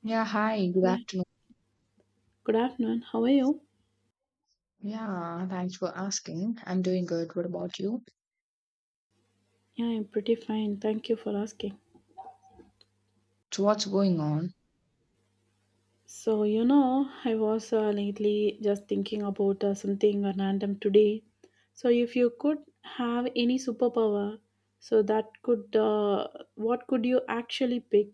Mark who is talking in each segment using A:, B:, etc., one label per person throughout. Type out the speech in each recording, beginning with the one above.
A: Yeah, hi, good
B: Well,
A: afternoon.
B: Good afternoon. How are you?
A: Yeah, thanks for asking. I'm doing good. What about you?
B: Yeah, I'm pretty fine. Thank you for asking.
A: So, what's going on?
B: So, you know, I was lately just thinking about something random today. So if you could have any superpower, so that could what could you actually pick?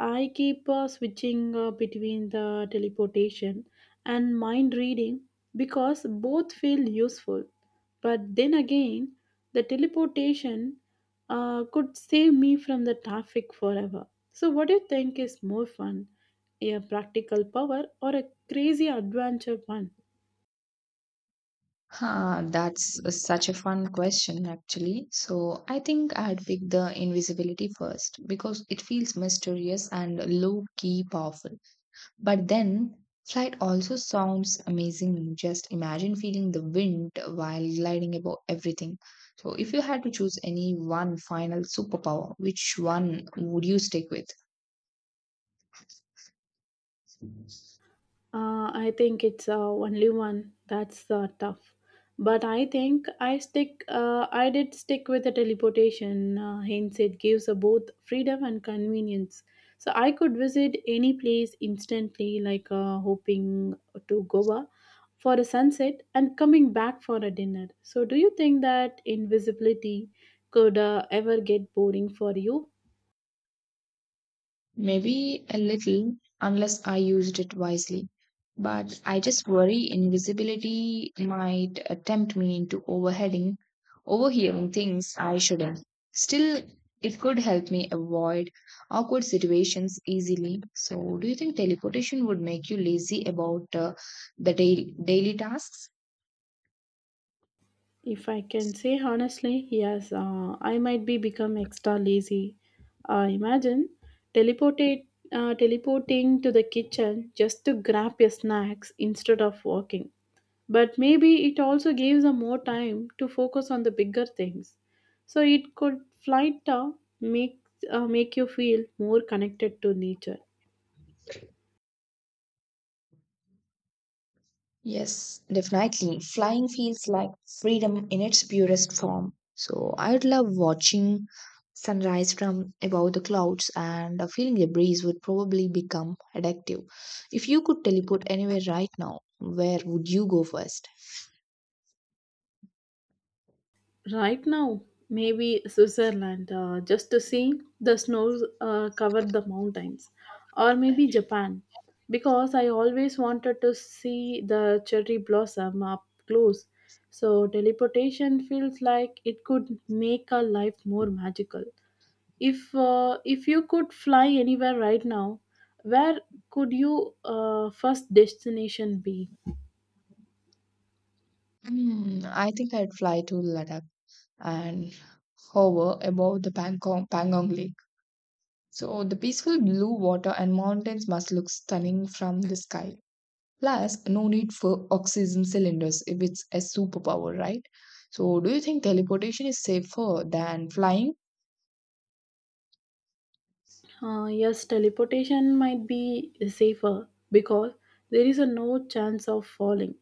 B: I keep switching between the teleportation and mind reading because both feel useful. But then again, the teleportation could save me from the traffic forever. So, what do you think is more fun, a practical power or a crazy adventure one?
A: Huh, that's such a fun question, actually. So, I think I'd pick the invisibility first because it feels mysterious and low key powerful. But then, flight also sounds amazing. Just imagine feeling the wind while gliding above everything. So, if you had to choose any one final superpower, which one would you stick with?
B: I think it's only one. That's tough. But I think I stick. I did stick with the teleportation. Hence, it gives both freedom and convenience. So I could visit any place instantly, like hoping to Goa for a sunset and coming back for a dinner. So, do you think that invisibility could ever get boring for you?
A: Maybe a little, unless I used it wisely. But I just worry invisibility might tempt me into overhearing things I shouldn't. Still, it could help me avoid awkward situations easily. So, do you think teleportation would make you lazy about the daily tasks?
B: If I can say honestly, yes, I might be become extra lazy. Imagine teleportate, teleporting to the kitchen just to grab your snacks instead of walking. But maybe it also gives a more time to focus on the bigger things. So it could flight make make you feel more connected to nature.
A: Yes, definitely. Flying feels like freedom in its purest form. So I'd love watching sunrise from above the clouds, and feeling the breeze would probably become addictive. If you could teleport anywhere right now, where would you go first?
B: Right now, maybe Switzerland, just to see the snows covered the mountains, or maybe Japan, because I always wanted to see the cherry blossom up close. So, teleportation feels like it could make our life more magical. If you could fly anywhere right now, where could you first destination be?
A: Hmm, I think I'd fly to Ladakh and hover above the Pangong Lake. So the peaceful blue water and mountains must look stunning from the sky. Plus, no need for oxygen cylinders if it's a superpower, right? So, do you think teleportation is safer than flying?
B: Yes, teleportation might be safer because there is a no chance of falling.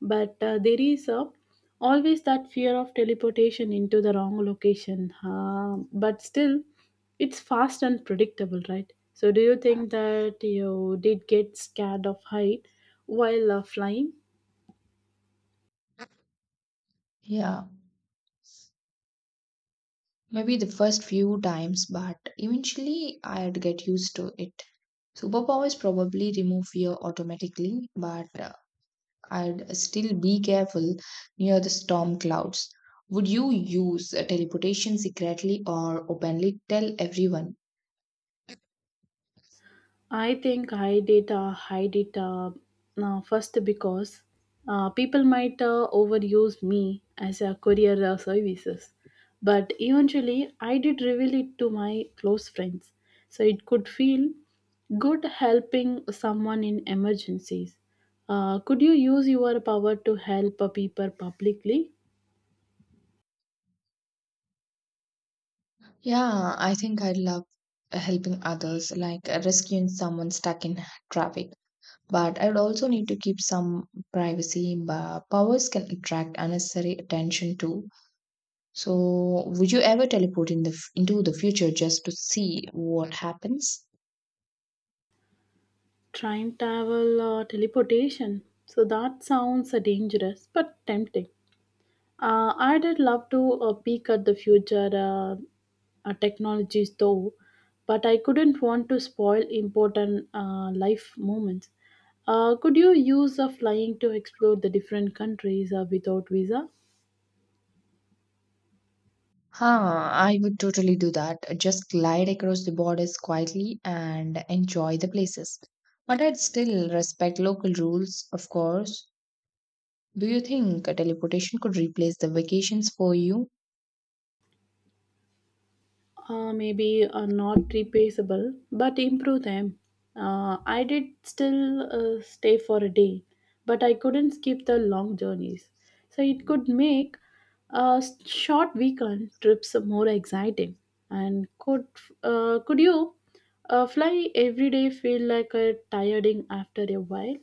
B: But there is a, Always that fear of teleportation into the wrong location. But still, it's fast and predictable, right? So, do you think that you did get scared of height while flying?
A: Yeah, maybe the first few times, but eventually I'd get used to it. Superpowers probably remove fear automatically, but I'd still be careful near the storm clouds. Would you use teleportation secretly or openly tell everyone?
B: I think I did hide it first because people might overuse me as a courier services. But eventually, I did reveal it to my close friends. So it could feel good helping someone in emergencies. Could you use your power to help people publicly?
A: Yeah, I think I love helping others, like rescuing someone stuck in traffic. But I would also need to keep some privacy. But powers can attract unnecessary attention too. So, would you ever teleport in into the future just to see what happens?
B: Time travel or teleportation. So that sounds dangerous but tempting. I did love to peek at the future technologies though, but I couldn't want to spoil important life moments. Could you use a flying to explore the different countries without visa?
A: Huh, I would totally do that. Just glide across the borders quietly and enjoy the places. But I'd still respect local rules, of course. Do you think a teleportation could replace the vacations for you?
B: Maybe are not replaceable, but improve them. I did still stay for a day, but I couldn't skip the long journeys. So it could make short weekend trips more exciting. And could you fly every day feel like a tiring after a while?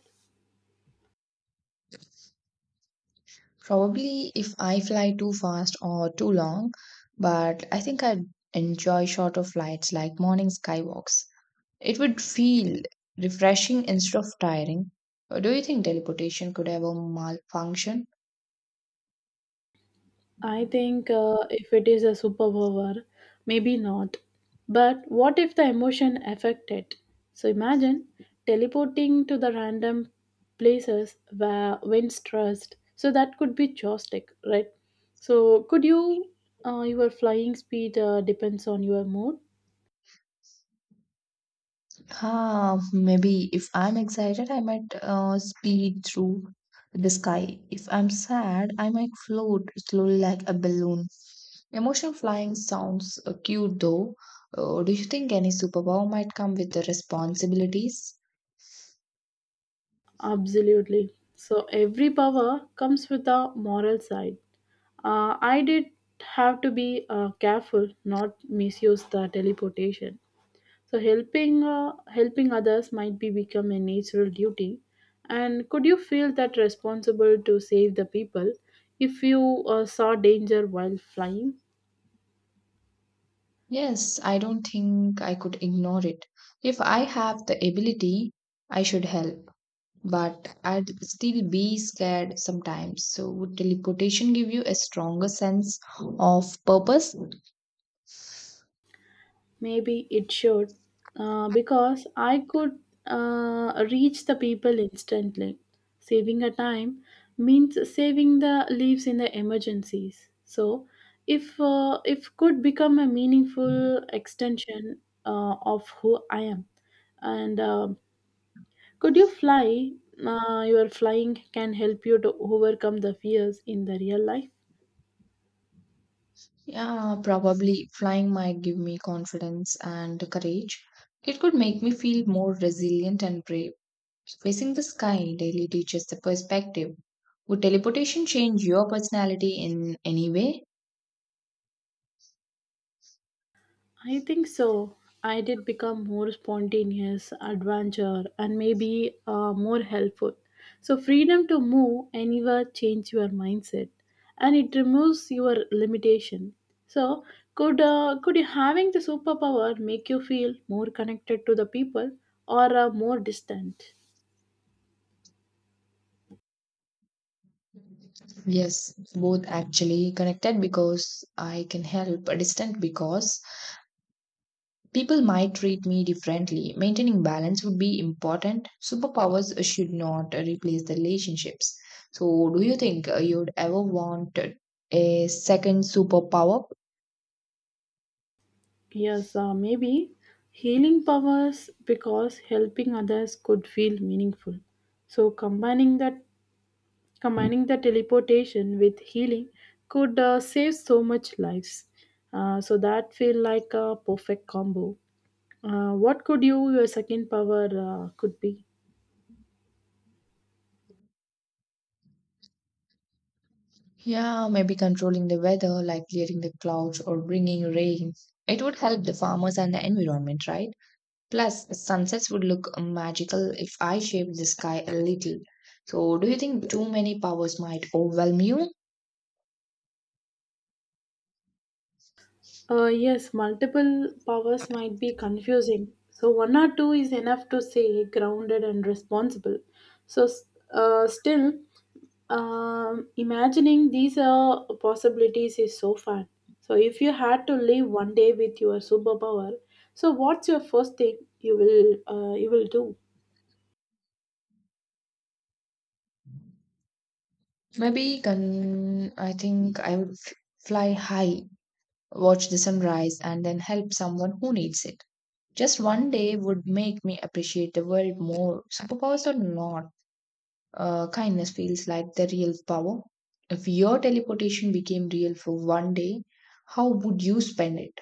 A: Probably if I fly too fast or too long, but I think I'd enjoy shorter flights like morning skywalks. It would feel refreshing instead of tiring. Do you think teleportation could ever malfunction?
B: I think if it is a superpower, maybe not. But what if the emotion affected? So imagine teleporting to the random places where wins trust. So that could be joystick, right? So could you, your flying speed depends on your mood?
A: Ah, maybe if I'm excited, I might speed through the sky. If I'm sad, I might float slowly like a balloon. Emotional flying sounds cute though. Do you think any superpower might come with the responsibilities?
B: Absolutely. So every power comes with a moral side. I did have to be careful not misuse the teleportation. So helping others might be become a natural duty. And could you feel that responsible to save the people if you saw danger while flying?
A: Yes, I don't think I could ignore it. If I have the ability, I should help, but I'd still be scared sometimes. So, would teleportation give you a stronger sense of purpose?
B: Maybe it should, because I could reach the people instantly. Saving a time means saving the lives in the emergencies. So, if could become a meaningful extension of who I am, and could you fly? Your flying can help you to overcome the fears in the real life.
A: Yeah, probably flying might give me confidence and courage. It could make me feel more resilient and brave. Facing the sky daily teaches the perspective. Would teleportation change your personality in any way?
B: I think so. I did become more spontaneous, adventure, and maybe more helpful. So, freedom to move anywhere change your mindset, and it removes your limitation. So, could you having the superpower make you feel more connected to the people or more distant?
A: Yes, both actually connected because I can help, but distant because people might treat me differently. Maintaining balance would be important. Superpowers should not replace the relationships. So, do you think you'd ever want a second superpower?
B: Yes, maybe healing powers because helping others could feel meaningful. So combining the teleportation with healing could save so much lives. So that feel like a perfect combo. What could you your second power could be?
A: Yeah, maybe controlling the weather, like clearing the clouds or bringing rain. It would help the farmers and the environment, right? Plus, sunsets would look magical if I shaped the sky a little. So, do you think too many powers might overwhelm you?
B: Yes, multiple powers might be confusing. So, one or two is enough to say grounded and responsible. So, s- Still, imagining these are possibilities is so fun. So, if you had to live one day with your superpower, so what's your first thing you will do?
A: I think I would fly high, watch the sunrise, and then help someone who needs it. Just one day would make me appreciate the world more, superpowers or not. Kindness feels like the real power. If your teleportation became real for one day, how would you spend it?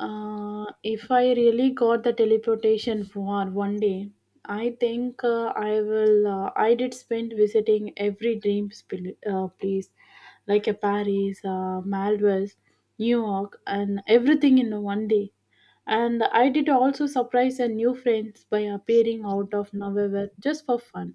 B: If I really got the teleportation for one day, I think I will. I did spend visiting every dream place, like a Paris, Maldives, New York, and everything in one day. And I did also surprise a new friends by appearing out of nowhere just for fun,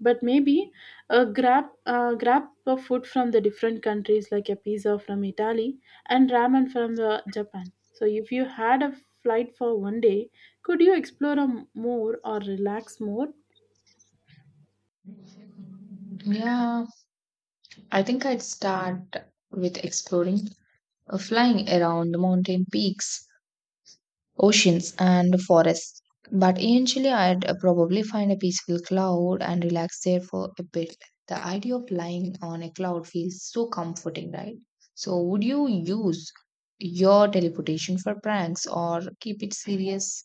B: but maybe a grab of food from the different countries, like a pizza from Italy and ramen from Japan. So if you had a flight for one day, could you explore more or relax more?
A: Yeah, I think I'd start with exploring, flying around the mountain peaks, oceans, and forests. But eventually, I'd probably find a peaceful cloud and relax there for a bit. The idea of lying on a cloud feels so comforting, right? So, would you use your teleportation for pranks or keep it serious?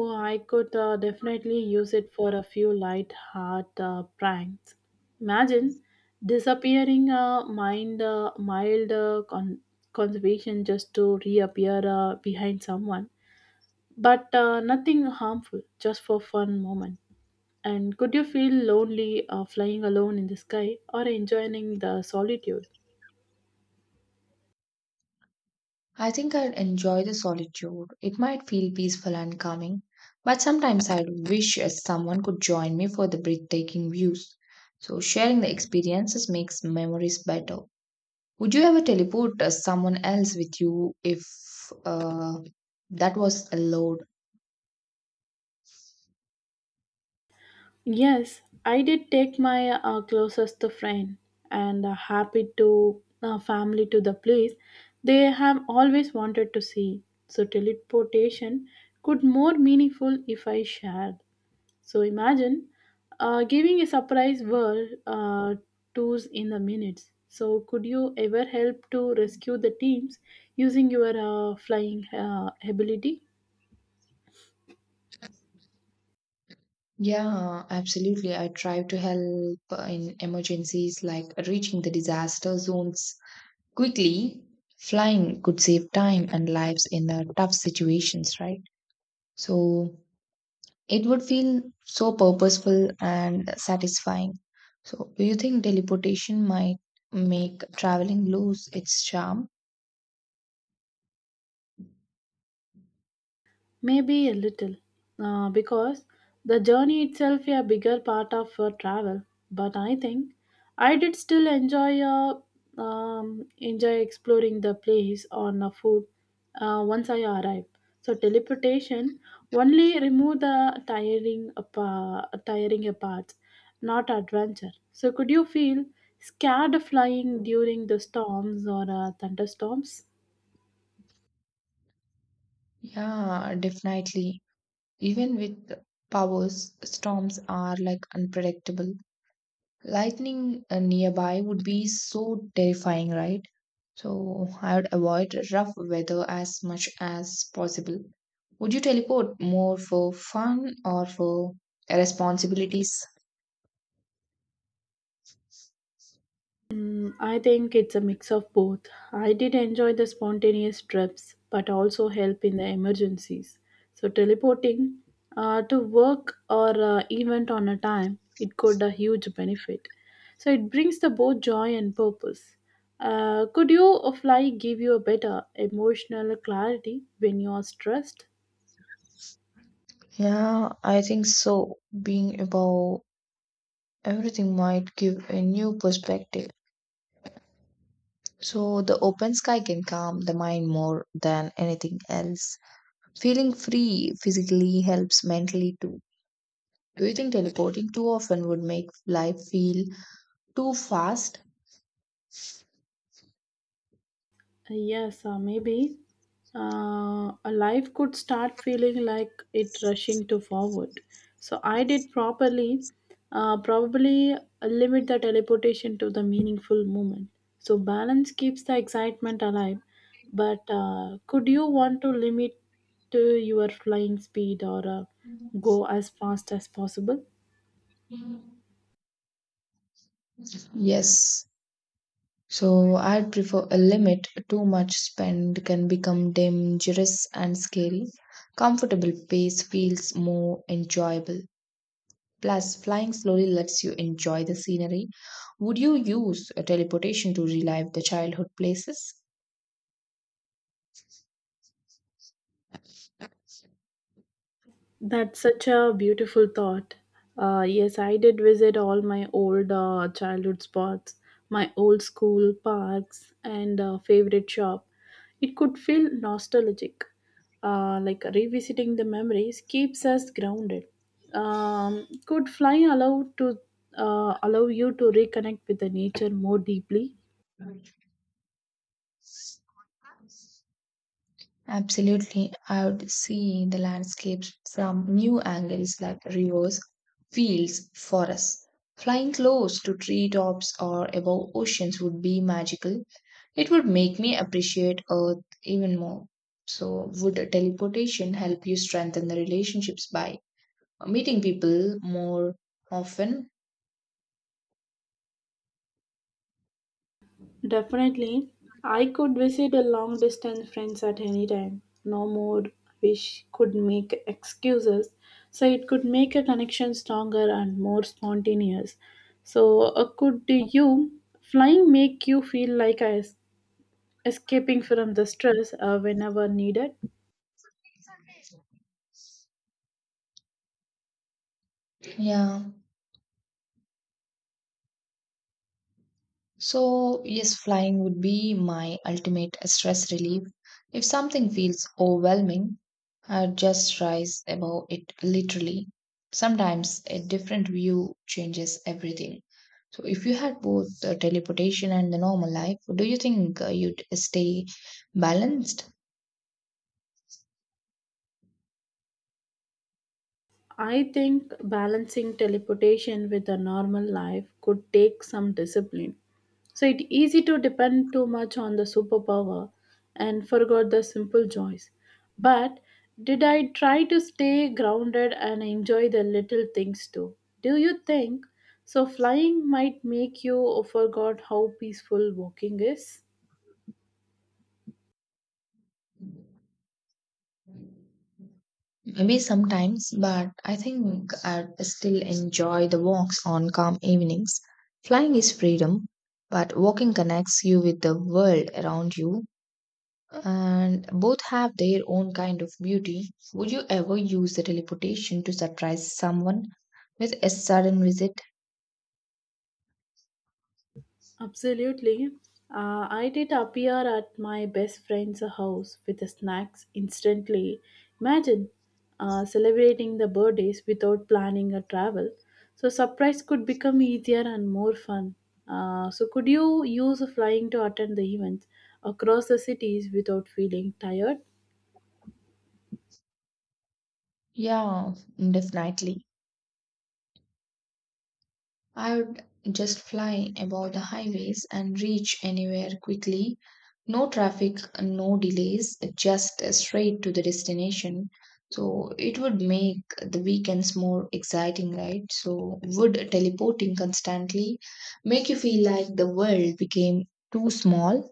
B: Oh, I could definitely use it for a few light heart pranks. Imagine disappearing a mind mild con- conservation just to reappear behind someone, but nothing harmful, just for fun moment. And could you feel lonely flying alone in the sky or enjoying the solitude?
A: I think I'd enjoy the solitude. It might feel peaceful and calming, but sometimes I'd wish someone could join me for the breathtaking views. So, sharing the experiences makes memories better. Would you ever teleport someone else with you if uh, that was allowed?
B: Yes, I did take my closest friend and happy to family to the place they have always wanted to see. So teleportation could more meaningful if I shared. So imagine giving a surprise world tours in the minutes. So could you ever help to rescue the teams using your flying ability?
A: Yeah, absolutely. I try to help in emergencies like reaching the disaster zones quickly. Flying could save time and lives in tough situations, right? So it would feel so purposeful and satisfying. So, do you think teleportation might make traveling lose its charm?
B: Maybe a little, because the journey itself is a bigger part of your travel. But I think I did still enjoy enjoy exploring the place on the food once I arrived. So teleportation only remove the tiring parts, not adventure. So could you feel scared flying during the storms or thunderstorms?
A: Yeah, definitely. Even with powers, storms are like unpredictable. Lightning nearby would be so terrifying, right? So I would avoid rough weather as much as possible. Would you teleport more for fun or for responsibilities?
B: Mm, I think it's a mix of both. I did enjoy the spontaneous trips, but also help in the emergencies. So, teleporting to work or event on a time, it could a huge benefit. So, it brings the both joy and purpose. Could you fly give you a better emotional clarity when you are stressed?
A: Yeah, I think so. Being above everything might give a new perspective. So the open sky can calm the mind more than anything else. Feeling free physically helps mentally too. Do you think teleporting too often would make life feel too fast?
B: Yes, maybe. A life could start feeling like it rushing to forward. So I did probably limit the teleportation to the meaningful moment. So balance keeps the excitement alive. But could you want to limit to your flying speed or go as fast as possible?
A: Yes. So I'd prefer a limit. Too much spend can become dangerous and scary. Comfortable pace feels more enjoyable. Plus, flying slowly lets you enjoy the scenery. Would you use a teleportation to relive the childhood places?
B: That's such a beautiful thought. Yes, I did visit all my old childhood spots, my old school parks, and favorite shop. It could feel nostalgic. Like revisiting the memories keeps us grounded. Could flying allow you to reconnect with the nature more deeply?
A: Absolutely, I would see the landscapes from new angles like rivers, fields, forests. Flying close to treetops or above oceans would be magical. It would make me appreciate Earth even more. So, would teleportation help you strengthen the relationships by meeting people more often?
B: Definitely. I could visit a long distance friends at any time. No more wish could make excuses. So it could make a connection stronger and more spontaneous. So could you flying make you feel like escaping from the stress whenever needed?
A: Yeah. So, yes, flying would be my ultimate stress relief. If something feels overwhelming, I just rise above it literally. Sometimes a different view changes everything. So, if you had both the teleportation and the normal life, do you think you'd stay balanced?
B: I think balancing teleportation with a normal life could take some discipline. So it easy to depend too much on the superpower and forgot the simple joys. But did I try to stay grounded and enjoy the little things too? Do you think so flying might make you forgot how peaceful walking is?
A: Maybe sometimes, but I think I still enjoy the walks on calm evenings. Flying is freedom, but walking connects you with the world around you, and both have their own kind of beauty. Would you ever use the teleportation to surprise someone with a sudden visit?
B: Absolutely. I did appear at my best friend's house with the snacks instantly. Imagine celebrating the birthdays without planning a travel. So, surprise could become easier and more fun. Could you use flying to attend the events across the cities without feeling tired?
A: Yeah, definitely. I would just fly above the highways and reach anywhere quickly. No traffic, no delays, just straight to the destination. So it would make the weekends more exciting, right? So would teleporting constantly make you feel like the world became too small?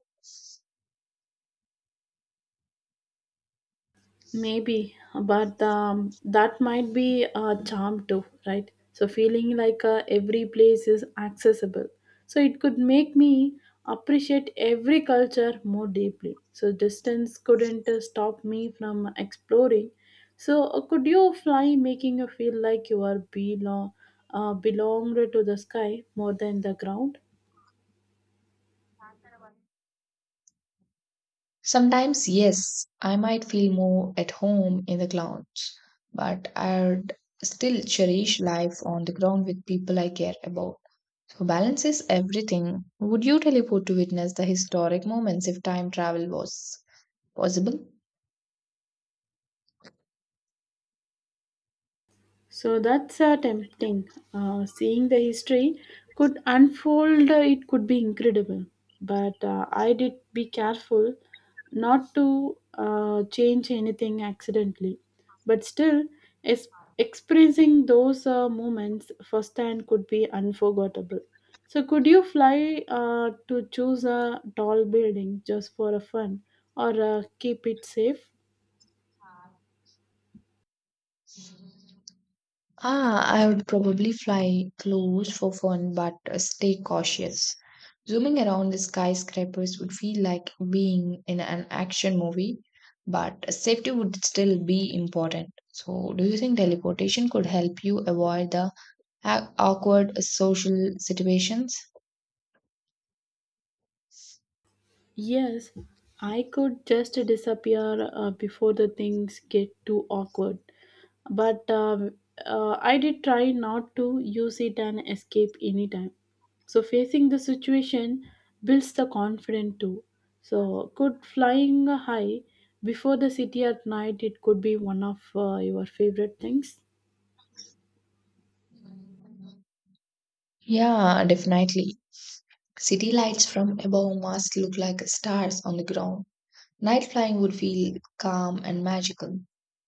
B: Maybe, but that might be a charm too, right? So feeling like every place is accessible. So it could make me appreciate every culture more deeply. So distance couldn't stop me from exploring. So could you fly making you feel like you are belonged to the sky more than the ground?
A: Sometimes, yes, I might feel more at home in the clouds, but I'd still cherish life on the ground with people I care about. So balance is everything. Would you teleport to witness the historic moments if time travel was possible?
B: So that's tempting. Seeing the history could unfold, it could be incredible. But I did be careful not to change anything accidentally. But still, es- experiencing those moments firsthand could be unforgettable. So, could you fly to choose a tall building just for a fun or keep it safe?
A: Ah, I would probably fly close for fun, but stay cautious. Zooming around the skyscrapers would feel like being in an action movie, but safety would still be important. So, do you think teleportation could help you avoid the awkward social situations?
B: Yes, I could just disappear before the things get too awkward. But I did try not to use it and escape anytime. So facing the situation builds the confidence too. So could flying high before the city at night it could be one of your favorite things.
A: Yeah, definitely. City lights from above must look like stars on the ground. Night flying would feel calm and magical.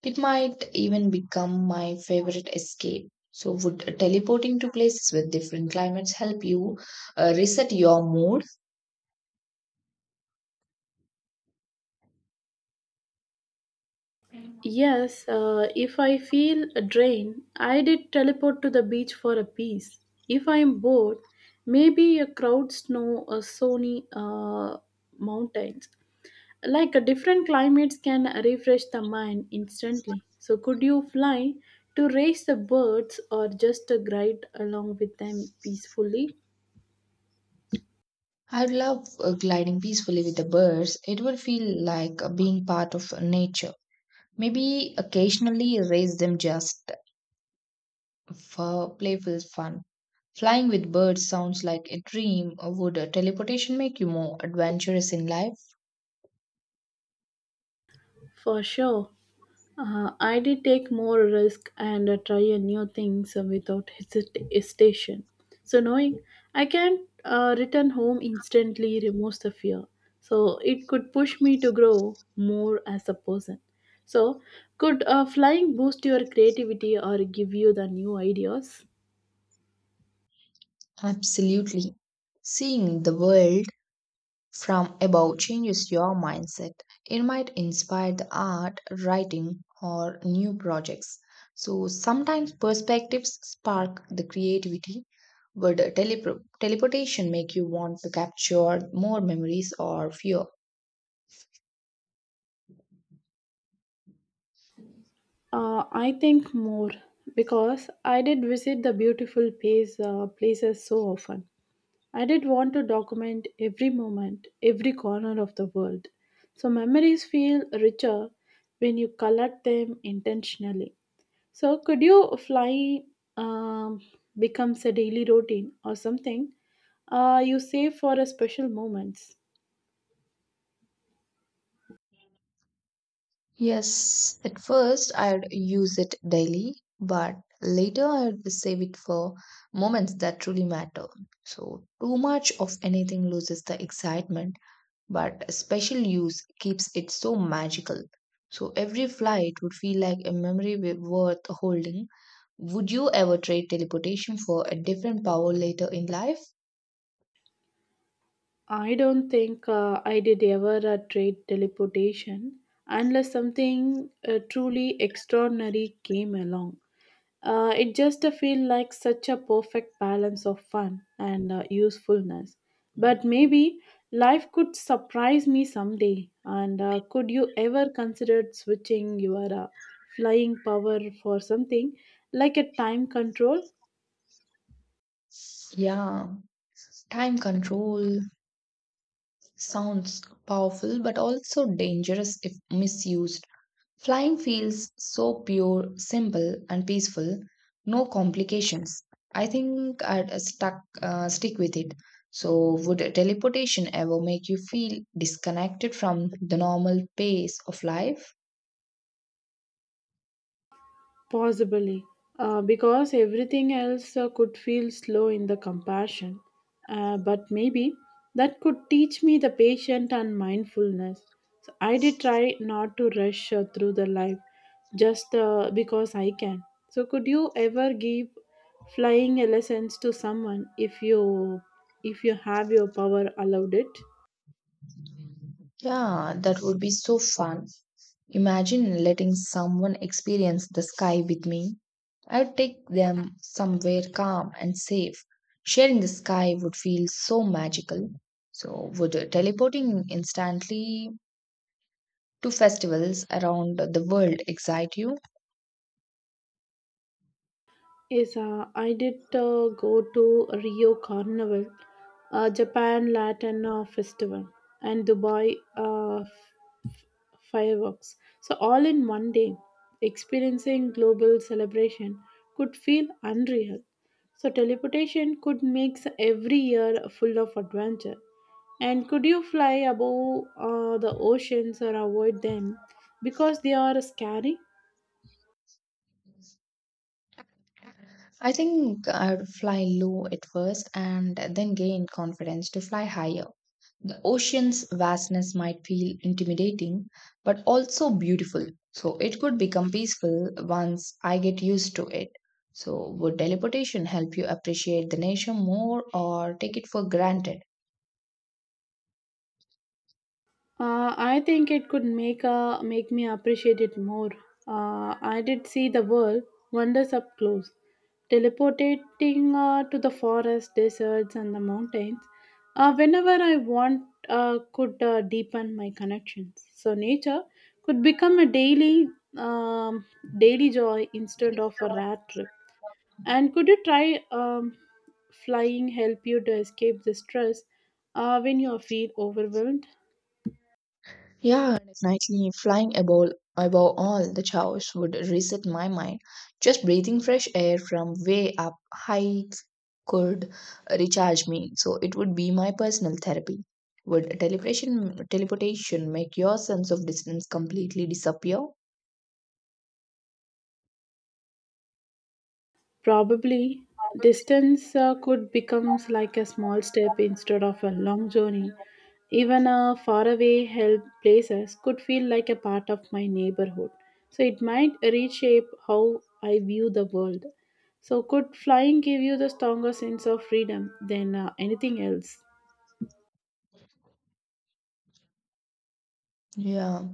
A: It might even become my favorite escape. So, would teleporting to places with different climates help you reset your mood?
B: Yes, if I feel drained, I did teleport to the beach for a piece. If I'm bored, maybe a crowd snow or sunny mountains. Like different climates can refresh the mind instantly. So could you fly to raise the birds or just glide along with them peacefully?
A: I'd love gliding peacefully with the birds. It would feel like being part of nature. Maybe occasionally raise them just for playful fun. Flying with birds sounds like a dream. Or would teleportation make you more adventurous in life?
B: For sure. I did take more risk and try a new things without hesitation. So knowing I can't return home instantly removes the fear. So it could push me to grow more as a person. So could flying boost your creativity or give you the new ideas?
A: Absolutely. Seeing the world from above changes your mindset. It might inspire the art, writing, or new projects. So sometimes perspectives spark the creativity. Would teleportation make you want to capture more memories or fear?
B: I think more because I did visit the beautiful places so often. I did want to document every moment, every corner of the world. So memories feel richer when you collect them intentionally. So could you fly um, becomes a daily routine or something you save for a special moments?
A: Yes, at first I'd use it daily, but later I'd save it for moments that truly matter. So, too much of anything loses the excitement, but a special use keeps it so magical. So, every flight would feel like a memory worth holding. Would you ever trade teleportation for a different power later in life?
B: I don't think I did ever trade teleportation unless something truly extraordinary came along. It just feel like such a perfect balance of fun and usefulness. But maybe life could surprise me someday. And could you ever consider switching your flying power for something like a time control?
A: Yeah, time control sounds powerful but also dangerous if misused. Flying feels so pure, simple, and peaceful, no complications. I think I'd stuck stick with it. So, would teleportation ever make you feel disconnected from the normal pace of life?
B: Possibly, because everything else could feel slow in the compassion. But maybe that could teach me the patience and mindfulness. So I did try not to rush through the life just because I can. So, could you ever give flying lessons to someone if you have your power allowed it?
A: Yeah, that would be so fun. Imagine letting someone experience the sky with me. I'd take them somewhere calm and safe. Sharing the sky would feel so magical. So, would teleporting instantly to festivals around the world excite you?
B: Yes, I did go to Rio Carnival, Japan Latin Festival, and Dubai fireworks. So, all in one day, experiencing global celebration could feel unreal. So, teleportation could make every year full of adventure. And could you fly above the oceans or avoid them because they are scary?
A: I think I'd fly low at first and then gain confidence to fly higher. The ocean's vastness might feel intimidating, but also beautiful. So it could become peaceful once I get used to it. So, would teleportation help you appreciate the nature more or take it for granted?
B: I think it could make me appreciate it more. I did see the world wonders up close, teleporting to the forest, deserts, and the mountains. Whenever I want, could deepen my connections. So nature could become a um, daily joy instead of a rare trip. And could you try flying help you to escape the stress when you feel overwhelmed?
A: Yeah, definitely. Flying above all the chaos would reset my mind. Just breathing fresh air from way up high could recharge me. So it would be my personal therapy. Would teleportation make your sense of distance completely disappear?
B: Probably, distance could become like a small step instead of a long journey. Even a faraway help places could feel like a part of my neighborhood. So it might reshape how I view the world. So could flying give you the stronger sense of freedom than anything else?
A: Yeah.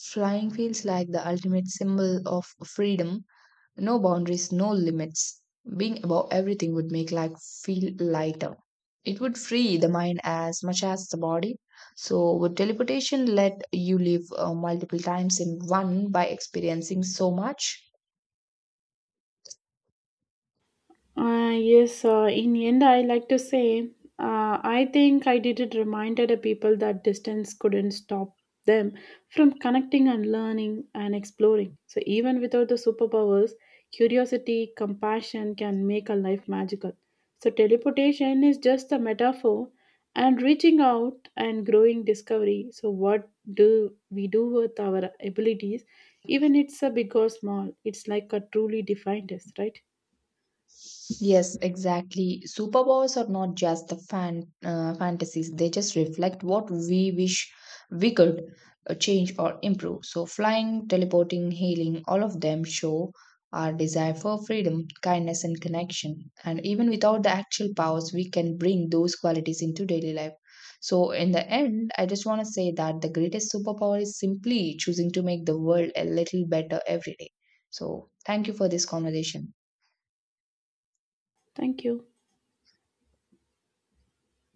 A: Flying feels like the ultimate symbol of freedom. No boundaries, no limits. Being above everything would make life feel lighter. It would free the mind as much as the body. So, would teleportation let you live multiple times in one by experiencing so much?
B: Yes, in end, I like to say, I think I did it reminded the people that distance couldn't stop them from connecting and learning and exploring. So even without the superpowers, curiosity, compassion can make a life magical. So teleportation is just a metaphor and reaching out and growing discovery. So what do we do with our abilities? Even it's a big or small, it's like a truly defined us, right?
A: Yes, exactly. Superpowers are not just the fantasies; they just reflect what we wish we could change or improve. So, flying, teleporting, healing, all of them show our desire for freedom, kindness, and connection. And even without the actual powers, we can bring those qualities into daily life. So, in the end, I just want to say that the greatest superpower is simply choosing to make the world a little better every day. So, thank you for this conversation.
B: Thank you.